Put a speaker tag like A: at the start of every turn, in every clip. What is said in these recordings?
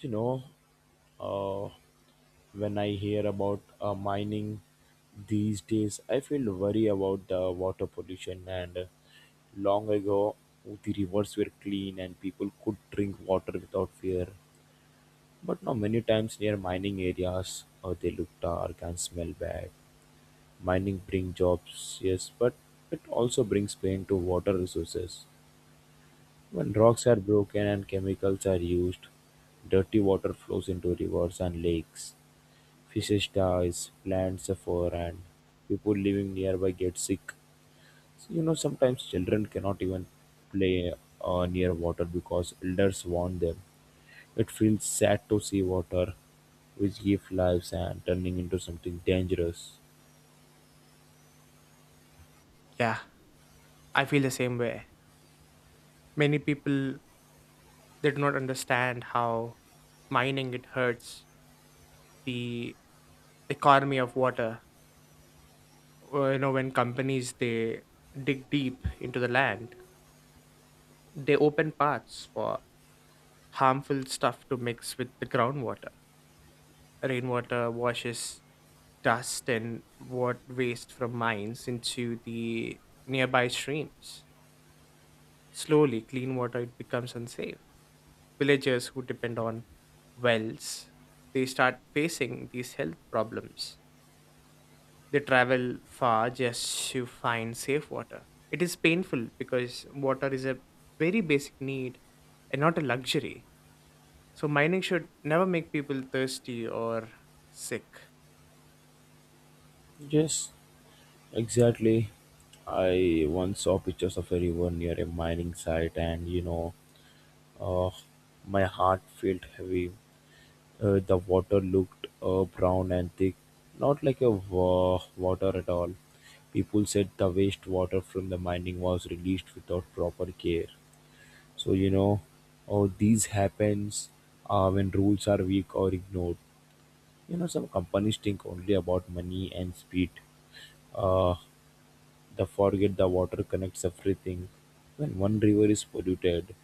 A: You know, uh, when I hear about mining these days, I feel worry about the water pollution. And Long ago, the rivers were clean and people could drink water without fear. But now, many times near mining areas, they look dark and smell bad. Mining brings jobs, yes, but it also brings pain to water resources. When rocks are broken and chemicals are used, dirty water flows into rivers and lakes. Fishes die, plants suffer, and people living nearby get sick. So, sometimes children cannot even play near water because elders warn them. It feels sad to see water, which gives lives, and turning into something dangerous.
B: Yeah, I feel the same way. Many people they do not understand how mining it hurts the economy of water. When companies they dig deep into the land, they open paths for harmful stuff to mix with the groundwater. Rainwater washes dust and what waste from mines into the nearby streams. Slowly, clean water it becomes unsafe villagers who depend on wells, they start facing these health problems. They travel far just to find safe water. It is painful because water is a very basic need and not a luxury. So mining should never make people thirsty or sick.
A: Yes, exactly. I once saw pictures of a river near a mining site, and Ah, my heart felt heavy. The water looked brown and thick, not like a water at all. People said the wastewater from the mining was released without proper care. So all these happens when rules are weak or ignored. Some companies think only about money and speed. Uh, the forget the water connects everything. When one river is polluted,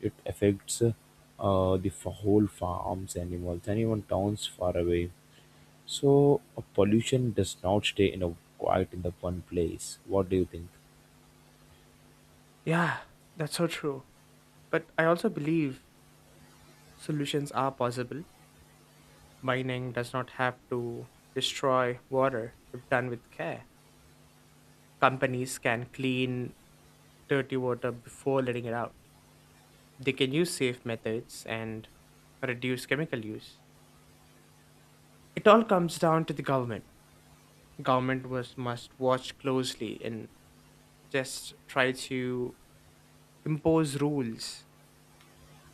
A: it affects the whole farms, animals, and even towns far away. So pollution does not stay in a quiet in the one place. What do you think?
B: Yeah, that's so true. But I also believe solutions are possible. Mining does not have to destroy water if done with care. Companies can clean dirty water before letting it out. They can use safe methods and reduce chemical use. It all comes down to the government. Government was must watch closely and just try to impose rules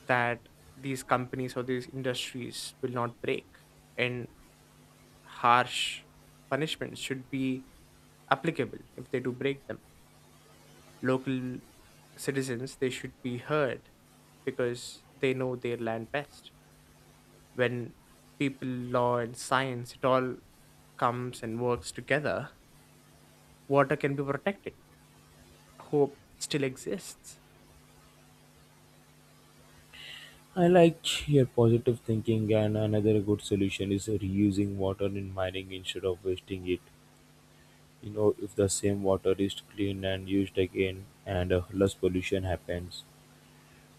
B: that these companies or these industries will not break. And harsh punishments should be applicable if they do break them. Local citizens they should be heard because they know their land best. When people law and science it all comes and works together, water can be protected. Hope it still exists.
A: I like your positive thinking, and another good solution is reusing water in mining instead of wasting it. If the same water is clean and used again, and less pollution happens.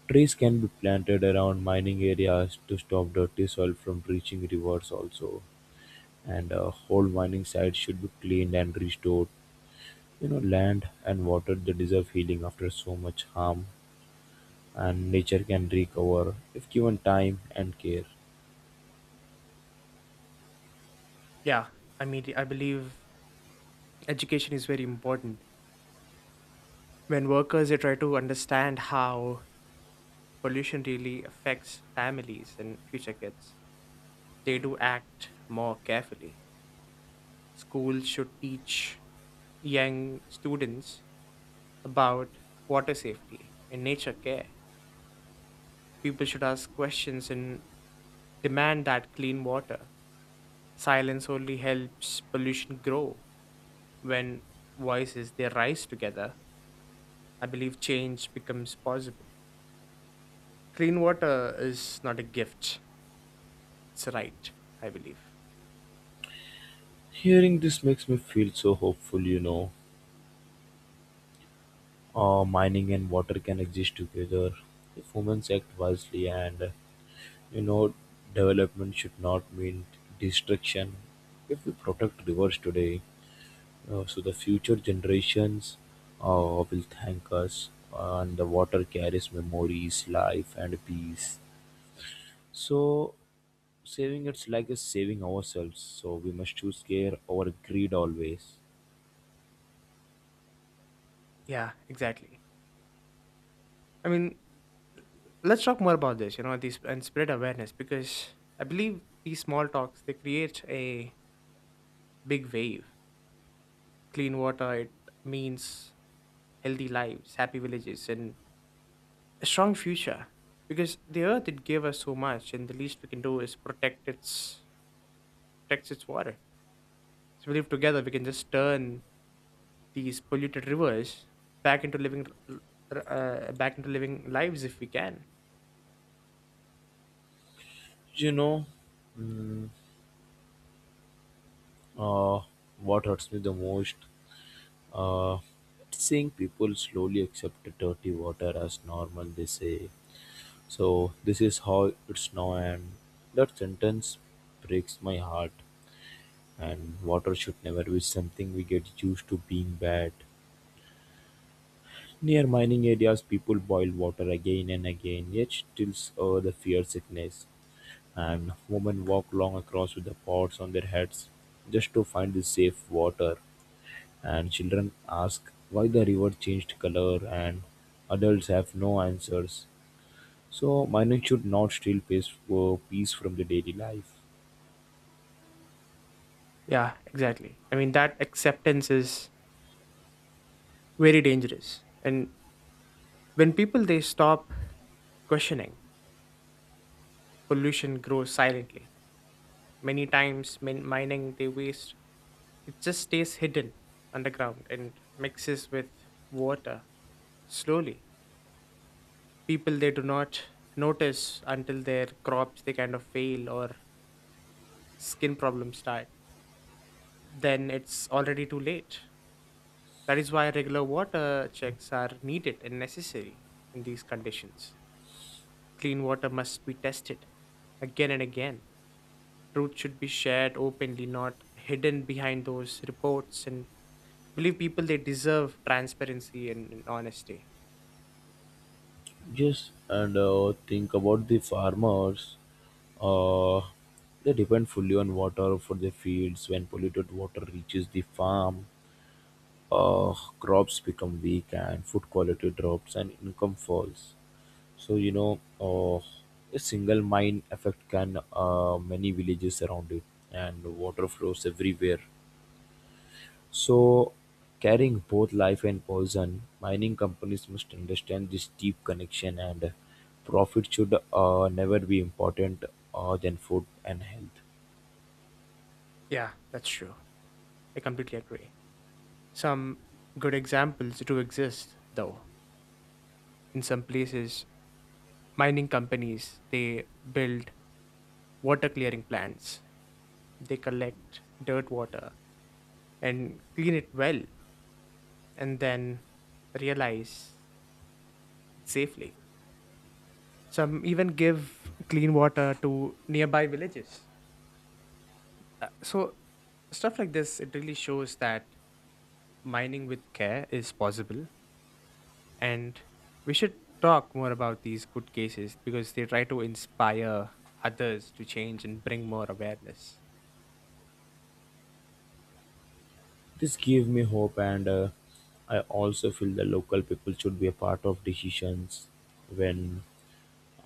A: Trees can be planted around mining areas to stop dirty soil from reaching rivers also. And whole mining sites should be cleaned and restored. Land and water they deserve healing after so much harm, and nature can recover if given time and care.
B: Yeah, I mean I believe education is very important. When workers they try to understand how pollution really affects families and future kids, they do act more carefully. Schools should teach young students about water safety and nature care. People should ask questions and demand that clean water. Silence only helps pollution grow. When voices they rise together, I believe change becomes possible. Clean water is not a gift; it's a right. I believe.
A: Hearing this makes me feel so hopeful, you know. Mining and water can exist together if humans act wisely and You know, development should not mean destruction. If we protect rivers today, so the future generations uh, will thank us, and the water carries memories, life, and peace. So, saving it's like is saving ourselves. So we must choose care over greed always.
B: Yeah, exactly. I mean, let's talk more about this. These and spread awareness because I believe these small talks they create a big wave. Clean water it means healthy lives, happy villages, and a strong future because the earth did give us so much and the least we can do is protect its protects its water. So we live together we can just turn these polluted rivers back into living back into living lives if we can.
A: You know, mm, uh, what hurts me the most, uh, seeing people slowly accept dirty water as normal. They say so this is how it's now, and that sentence breaks my heart, and water should never be something we get used to being bad. Near mining areas people boil water again and again yet still the fear sickness and women walk long across with the pots on their heads just to find the safe water and children ask why the river changed color and adults have no answers. So mining should not steal peace, peace from the daily life.
B: Yeah, exactly. I mean that acceptance is very dangerous and when people they stop questioning, pollution grows silently. Many times mining they waste it just stays hidden underground and mixes with water slowly. People they do not notice until their crops they kind of fail or skin problems start. Then it's already too late. That is why regular water checks are needed and necessary. In these conditions clean water must be tested again and again. Truth should be shared openly, not hidden behind those reports. And I believe people they deserve transparency and honesty.
A: Yes, and think about the farmers. Uh, they depend fully on water for their fields. When polluted water reaches the farm, uh, crops become weak and food quality drops and income falls. So a single mine effect can many villages around it, and water flows everywhere. So, carrying both life and poison, mining companies must understand this deep connection, and profit should never be important than food and health.
B: Yeah, that's true. I completely agree. Some good examples do exist, though. In some places, mining companies they build water clearing plants. They collect dirt water and clean it well, and then realize it safely. Some even give clean water to nearby villages. So stuff like this it really shows that mining with care is possible. And we should talk more about these good cases because they try to inspire others to change and bring more awareness.
A: This gave me hope, and I also feel the local people should be a part of decisions when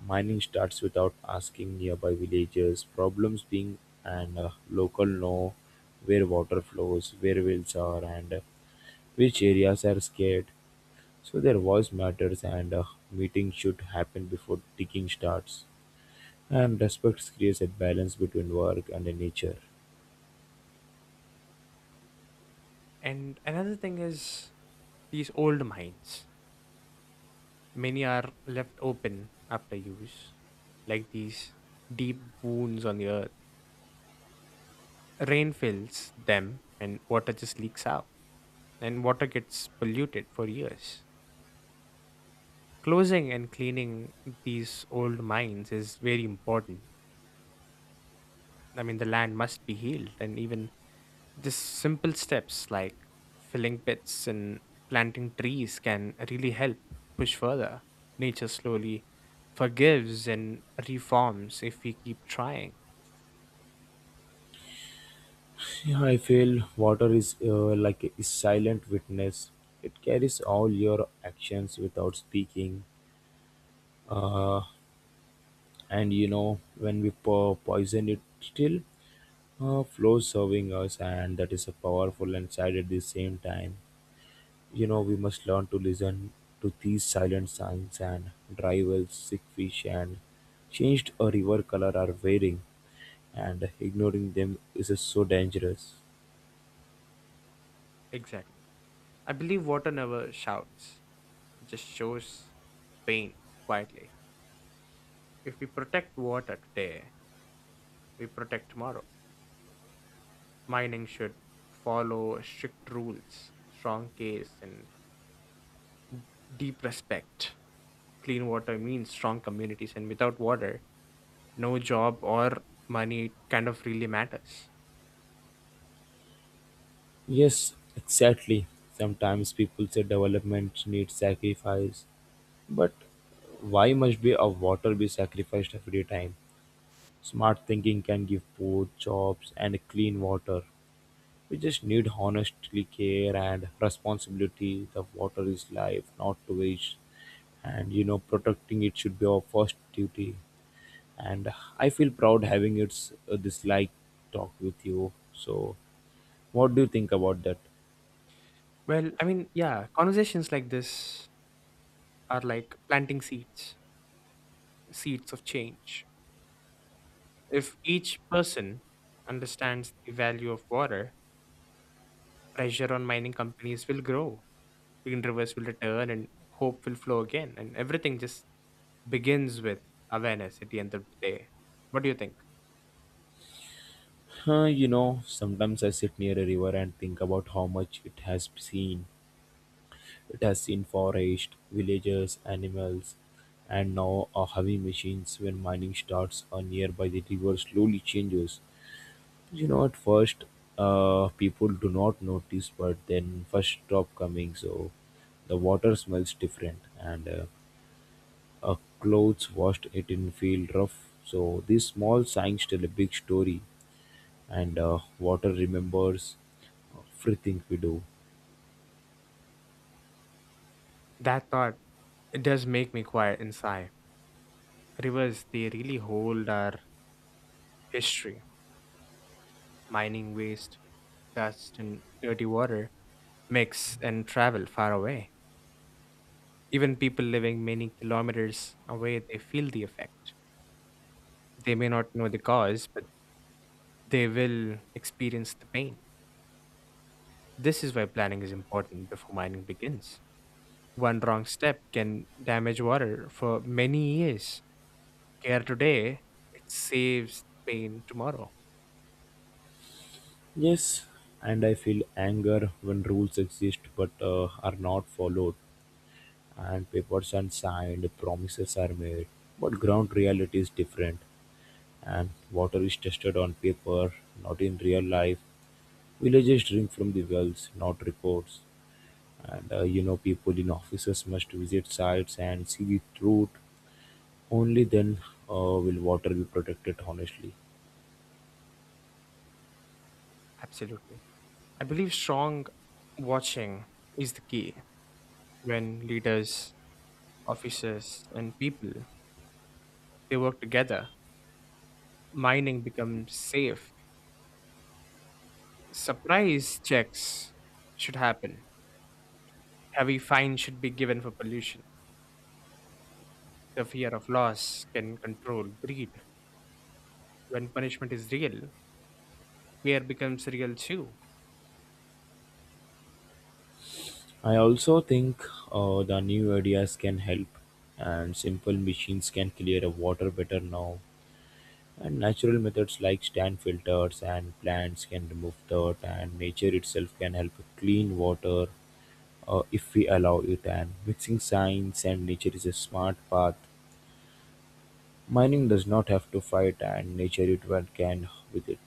A: mining starts without asking nearby villagers. Problems being and local know where water flows, where wells are, and which areas are scared. So their voice matters and a meeting should happen before digging starts. And respect creates a balance between work and the nature.
B: And another thing is these old mines. Many are left open after use, like these deep wounds on the earth. Rain fills them and water just leaks out, and water gets polluted for years. Closing and cleaning these old mines is very important. I mean, the land must be healed, and even these simple steps like filling pits and planting trees can really help push further. Nature slowly forgives and reforms if we keep trying.
A: Yeah, I feel water is like a silent witness. It carries all your actions without speaking. Uh, and you know, when we poison it, still flows serving us, and that is a powerful and sad at the same time. You know, we must learn to listen to these silent signs and dry wells, sick fish, and changed a river color are wearing, and ignoring them is so dangerous.
B: Exactly. I believe water never shouts, just shows pain quietly. If we protect water today, we protect tomorrow. Mining should follow strict rules, strong case, and deep respect. Clean water means strong communities, and without water, no job or money kind of really matters.
A: Yes, exactly. Sometimes people say development needs sacrifice. Why must be a water be sacrificed every time? Smart thinking can give food, jobs, and clean water. We just need honestly care and responsibility. The water is life, not to waste. And you know, protecting it should be our first duty. And I feel proud having it's this like talk with you. So, what do you think about that?
B: Well, I mean, yeah, conversations like this are like planting seeds, seeds of change. If each person understands the value of water, pressure on mining companies will grow, green rivers will return, and hope will flow again. And everything just begins with awareness at the end of the day. What do you think?
A: You know, sometimes I sit near a river and think about how much it has seen. It has seen forest, villages, animals, and now a heavy machines when mining starts a nearby the river slowly changes. You know, at first, people do not notice, but then first stop coming, so the water smells different, and a clothes washed it in feel rough. So these small signs tell a big story, and water remembers everything we do.
B: That thought, it does make me quiet and sigh. Rivers, they really hold our history. Mining waste, dust, and dirty water mix and travel far away. Even people living many kilometers away, they feel the effect. They may not know the cause, but they will experience the pain. This is why planning is important before mining begins. One wrong step can damage water for many years. Care today, it saves the pain tomorrow.
A: Yes, and I feel anger when rules exist but are not followed, and papers are signed, promises are made, but ground reality is different, and water is tested on paper, not in real life. Villagers drink from the wells, not reports. And you know, people in offices must visit sites and see the truth. Only then uh, will water be protected honestly.
B: Absolutely. I believe strong watching is the key. When leaders officers, and people. They work together. Mining becomes safe. Surprise checks should happen. Heavy fines should be given for pollution. The fear of loss can control greed. When punishment is real, fear becomes real too.
A: I also think the new ideas can help, and simple machines can clear a water better now. And natural methods like stand filters and plants can remove dirt, and nature itself can help clean water if we allow it, and mixing science and nature is a smart path. Mining does not have to fight, and nature it well can with it.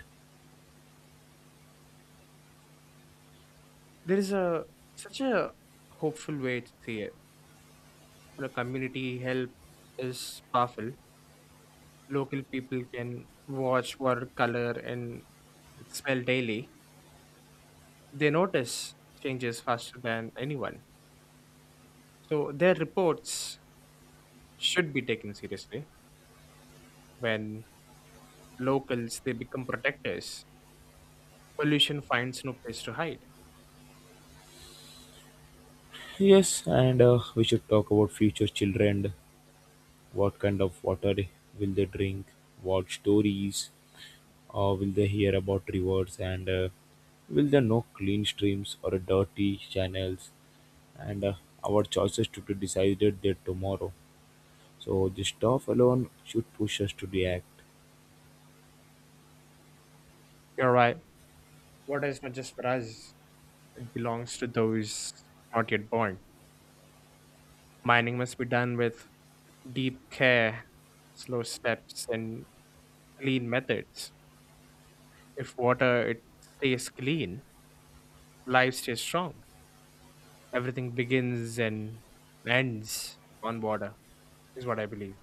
B: There is a such a hopeful way to see it. The community help is powerful. Local people can watch, water color, and smell daily. They notice changes faster than anyone. So their reports should be taken seriously. When locals they become protectors, pollution finds no place to hide.
A: Yes, and we should talk about future children. What kind of water will they drink? What stories will they hear about rivers? And will they know clean streams or dirty channels? And our choices to be decided there tomorrow. So this stuff alone should push us to the act.
B: You're right. Water is not just for us. It belongs to those not yet born. Mining must be done with deep care, slow steps, and clean methods. If water it stays clean, life stays strong. Everything begins and ends on water is what I believe.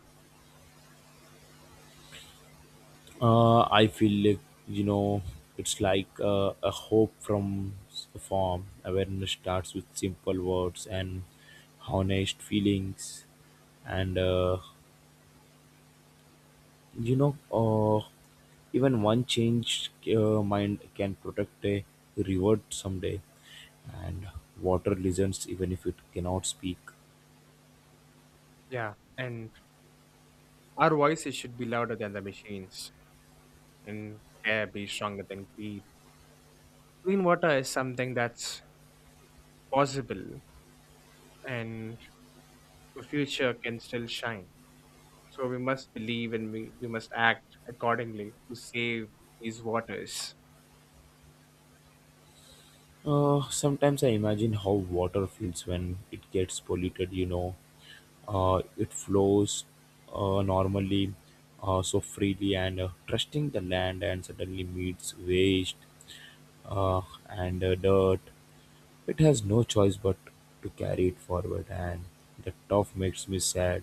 A: I feel like you know it's like a hope from a form. Awareness starts with simple words and honest feelings, and you know uh, even one changed mind can protect a reward someday. And water listens even if it cannot speak.
B: Yeah, and our voices should be louder than the machines and care be stronger than greed. Clean water is something that's possible, and the future can still shine. So we must believe and we must act accordingly to save these waters.
A: Sometimes I imagine how water feels when it gets polluted. You know, it flows normally so freely and trusting the land and suddenly meets waste uh, and dirt it has no choice but to carry it forward and the tough makes me sad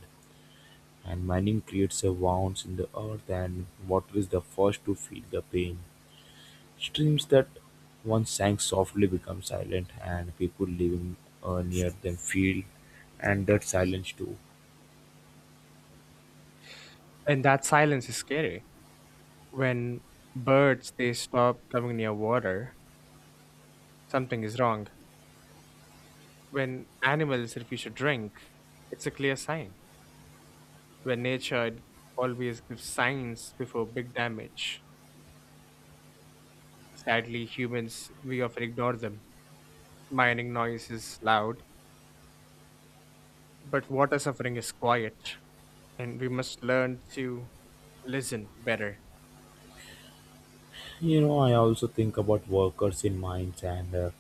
A: and mining creates a wounds in the earth and water is the first to feel the pain streams that once sang softly become silent and people living near them feel and that silence too.
B: And that silence is scary. When birds they stop coming near water, something is wrong. When animals refuse to drink, it's a clear sign. When nature always gives signs before big damage. Sadly, humans, we often ignore them. Mining noise is loud, but water suffering is quiet, and we must learn to listen better.
A: You know, I also think about workers in mines, and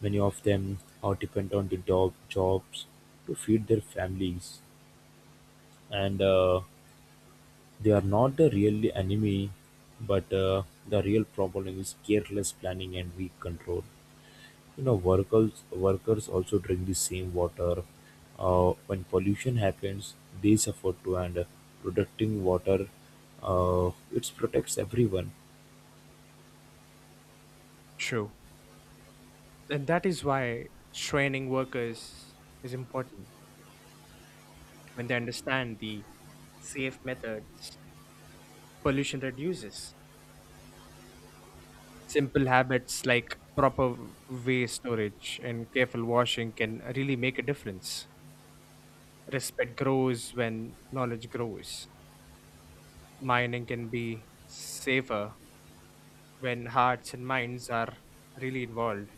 A: many of them are dependent on the job jobs to feed their families, and they are not the real enemy, but the real problem is careless planning and weak control. You know, workers also drink the same water. When pollution happens, they suffer too, and protecting water, it protects everyone.
B: True. And that is why training workers is important. When they understand the safe methods, pollution reduces. Simple habits like proper waste storage and careful washing can really make a difference. Respect grows when knowledge grows. Mining can be safer when hearts and minds are really involved.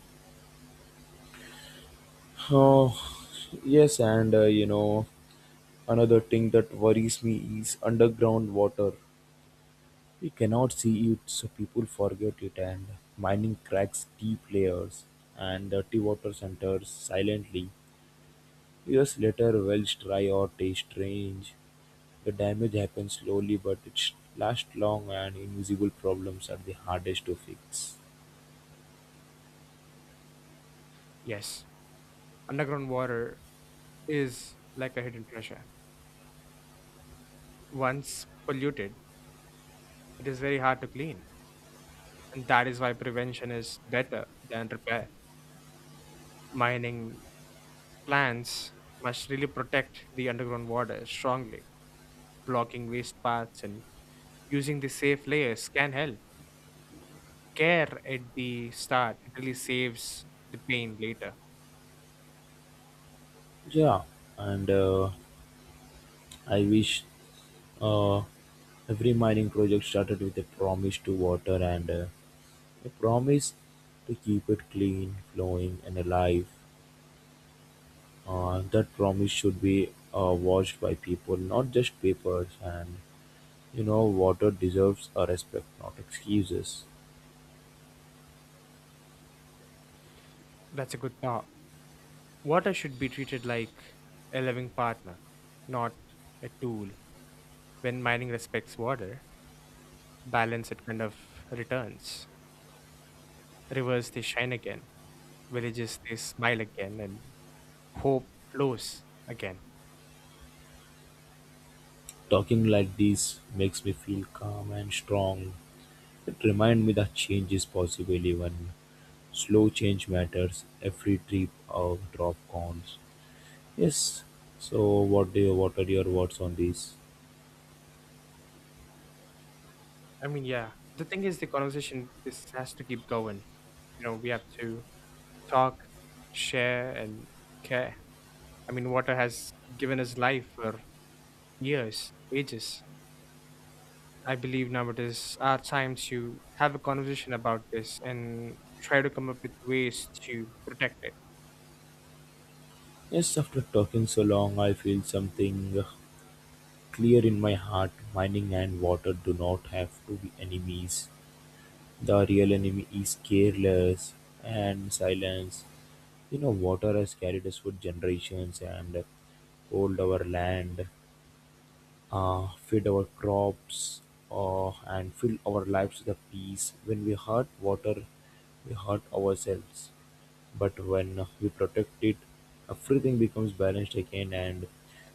A: Oh, yes, and you know. Another thing that worries me is underground water. We cannot see it, so people forget it, and mining cracks deep layers, and dirty water enters silently. Years later, wells dry or taste strange. The damage happens slowly, but it lasts long, and invisible problems are the hardest to fix.
B: Yes, underground water is like a hidden treasure. Once polluted, it is very hard to clean. And that is why prevention is better than repair. Mining plants must really protect the underground water strongly, blocking waste paths and using the safe layers can help. Care at the start it really saves the pain later.
A: Yeah, and I wish uh, every mining project started with a promise to water and I promise to keep it clean, flowing and alive. That promise should be watched by people, not just papers. And you know, water deserves a respect, not excuses.
B: That's a good thought. Water should be treated like a living partner, not a tool. When mining respects water, balance it kind of returns. Rivers they shine again, villages they smile again, and hope flows again.
A: Talking like this makes me feel calm and strong. It reminds me that change is possible even slow change matters. Every drip or drop counts. Yes. So, what are your words on this?
B: I mean, yeah. The thing is, the conversation this has to keep going. You know, we have to talk, share, and care. I mean, water has given us life for years, ages. I believe now it is our time to have a conversation about this and try to come up with ways to protect it.
A: Yes, after talking so long, I feel something clear in my heart, mining and water do not have to be enemies. The real enemy is careless and silence. You know, water has carried us for generations and hold our land, feed our crops, and fill our lives with a peace. When we hurt water, we hurt ourselves. But when we protect it, everything becomes balanced again and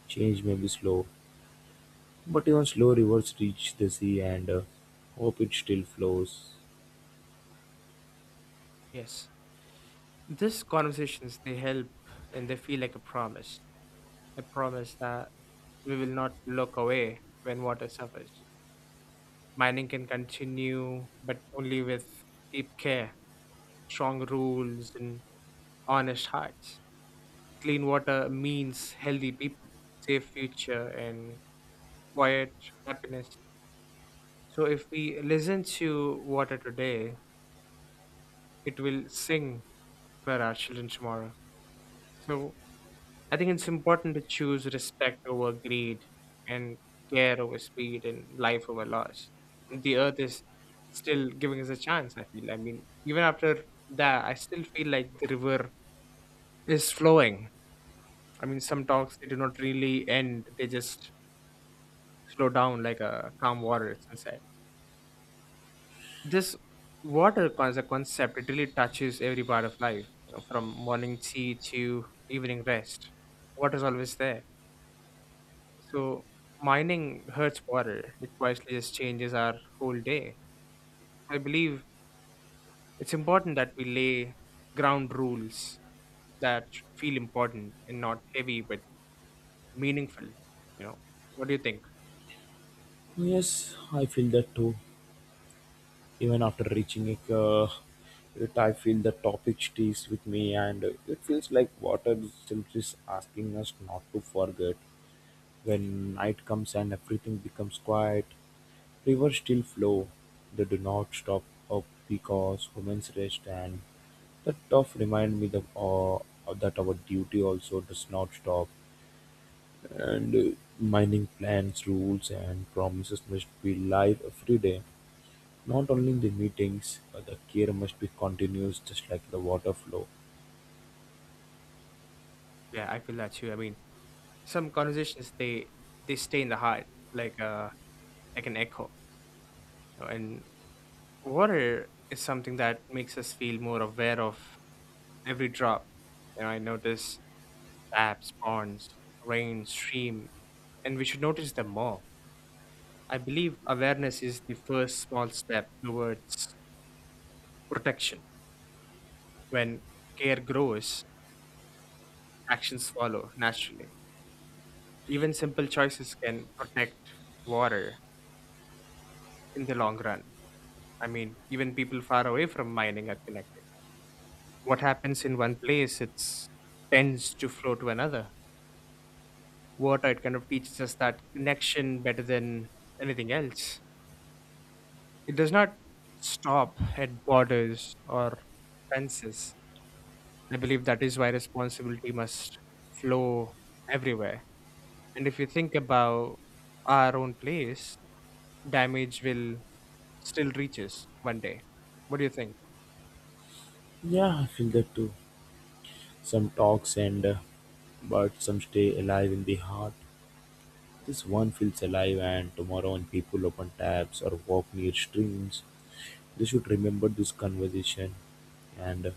A: change may be slow, but even slow rivers reach the sea and hope it still flows.
B: Yes. These conversations, they help and they feel like a promise. A promise that we will not look away when water suffers. Mining can continue, but only with deep care, strong rules, and honest hearts. Clean water means healthy people, safe future, and quiet happiness. So, if we listen to water today, it will sing for our children tomorrow. So, I think it's important to choose respect over greed and care over speed and life over loss. The earth is still giving us a chance, I feel. I mean, even after that, I still feel like the river is flowing. I mean, some talks they do not really end; they just slow down like a calm water at sunset. This water as a concept, it really touches every part of life, you know, from morning tea to evening rest. Water's always there. So mining hurts water. It quietly just changes our whole day. I believe it's important that we lay ground rules that should feel important and not heavy but meaningful. You know, what do you think?
A: Yes, I feel that too. Even after reaching it, I feel the topic stays with me and it feels like water is still just asking us not to forget. When night comes and everything becomes quiet, rivers still flow. They do not stop up because women's rest and that tough remind me that, that our duty also does not stop. And mining plans, rules, and promises must be live every day. Not only in the meetings, but the care must be continuous, just like the water flow.
B: Yeah, I feel that too. I mean, some conversations they stay in the heart like like an echo. And water is something that makes us feel more aware of every drop. You know, I notice taps, ponds, rain, stream, and we should notice them more. I believe awareness is the first small step towards protection. When care grows, actions follow naturally. Even simple choices can protect water in the long run. I mean, even people far away from mining are connected. What happens in one place it's tends to flow to another. Water it kind of teaches us that connection better than anything else. It does not stop at borders or fences. I believe that is why responsibility must flow everywhere. And if you think about our own place, damage will still reach us one day. What do you think?
A: Yeah, I feel that too. Some talks and but some stay alive in the heart. This one feels alive, and tomorrow when people open tabs or walk near streams, they should remember this conversation and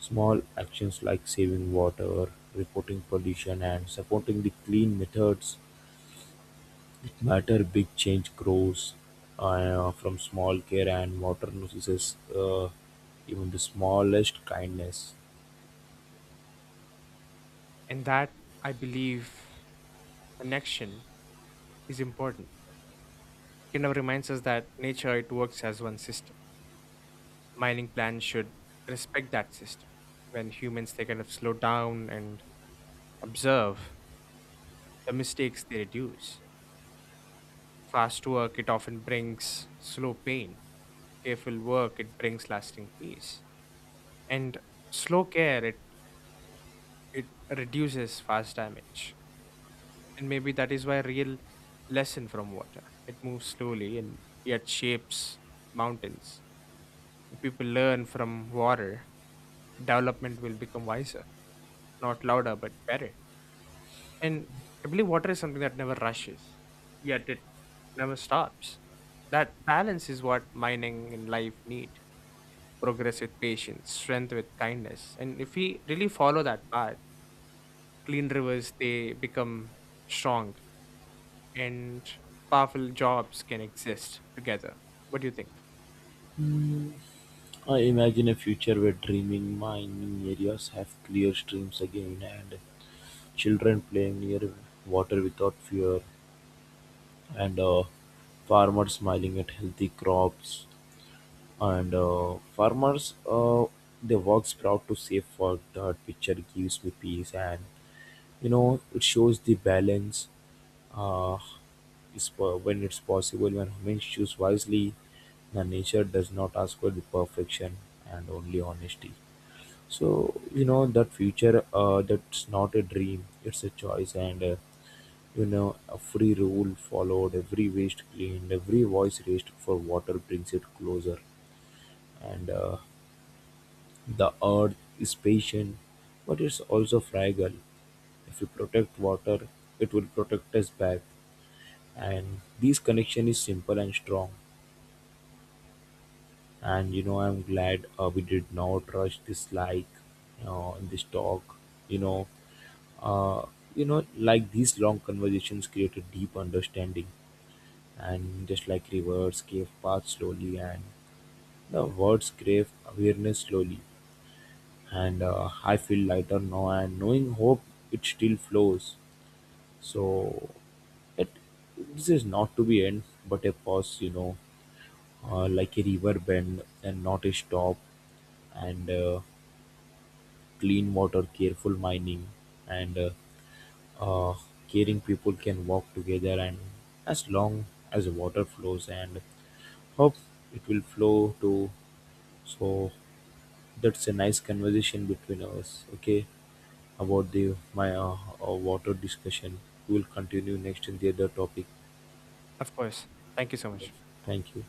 A: small actions like saving water, reporting pollution, and supporting the clean methods matter. Big change grows from small care and modern notices even the smallest kindness.
B: And that I believe connection is important. Kind of reminds us that nature it works as one system. Mining plans should respect that system. When humans they kind of slow down and observe, the mistakes they reduce. Fast work it often brings slow pain. Careful work it brings lasting peace. And slow care it reduces fast damage. And maybe that is why real lesson from water. It moves slowly and yet shapes mountains. If people learn from water, development will become wiser, not louder, but better. And I believe water is something that never rushes, yet it never stops. That balance is what mining and life need. Progress with patience, strength with kindness. And if we really follow that path, clean rivers, they become strong and powerful jobs can exist together. What do you think?
A: Mm. I imagine a future where dreaming mining areas have clear streams again and children playing near water without fear and farmers smiling at healthy crops and farmers they works proud to save for that picture gives me peace and you know it shows the balance uh, when it's possible when humans choose wisely the nature does not ask for the perfection and only honesty. So you know that future that's not a dream, it's a choice, and you know a free rule followed every waste cleaned every voice raised for water brings it closer and the earth is patient but it's also fragile. If we protect water, it will protect us back. And this connection is simple and strong. And you know, I'm glad we did not rush this like in this talk. You know, uh, you know, like these long conversations create a deep understanding. And just like rivers gave path slowly, and the words gave awareness slowly. And I feel lighter now, and knowing hope, it still flows. So this is not to be end, but a pause, you know, like a river bend and not a stop, and clean water, careful mining, and uh, caring people can walk together. And as long as the water flows, and hope it will flow too. So that's a nice conversation between us. Okay, about the my water discussion. We will continue next in the other topic.
B: Of course. Thank you so much.
A: Thank you.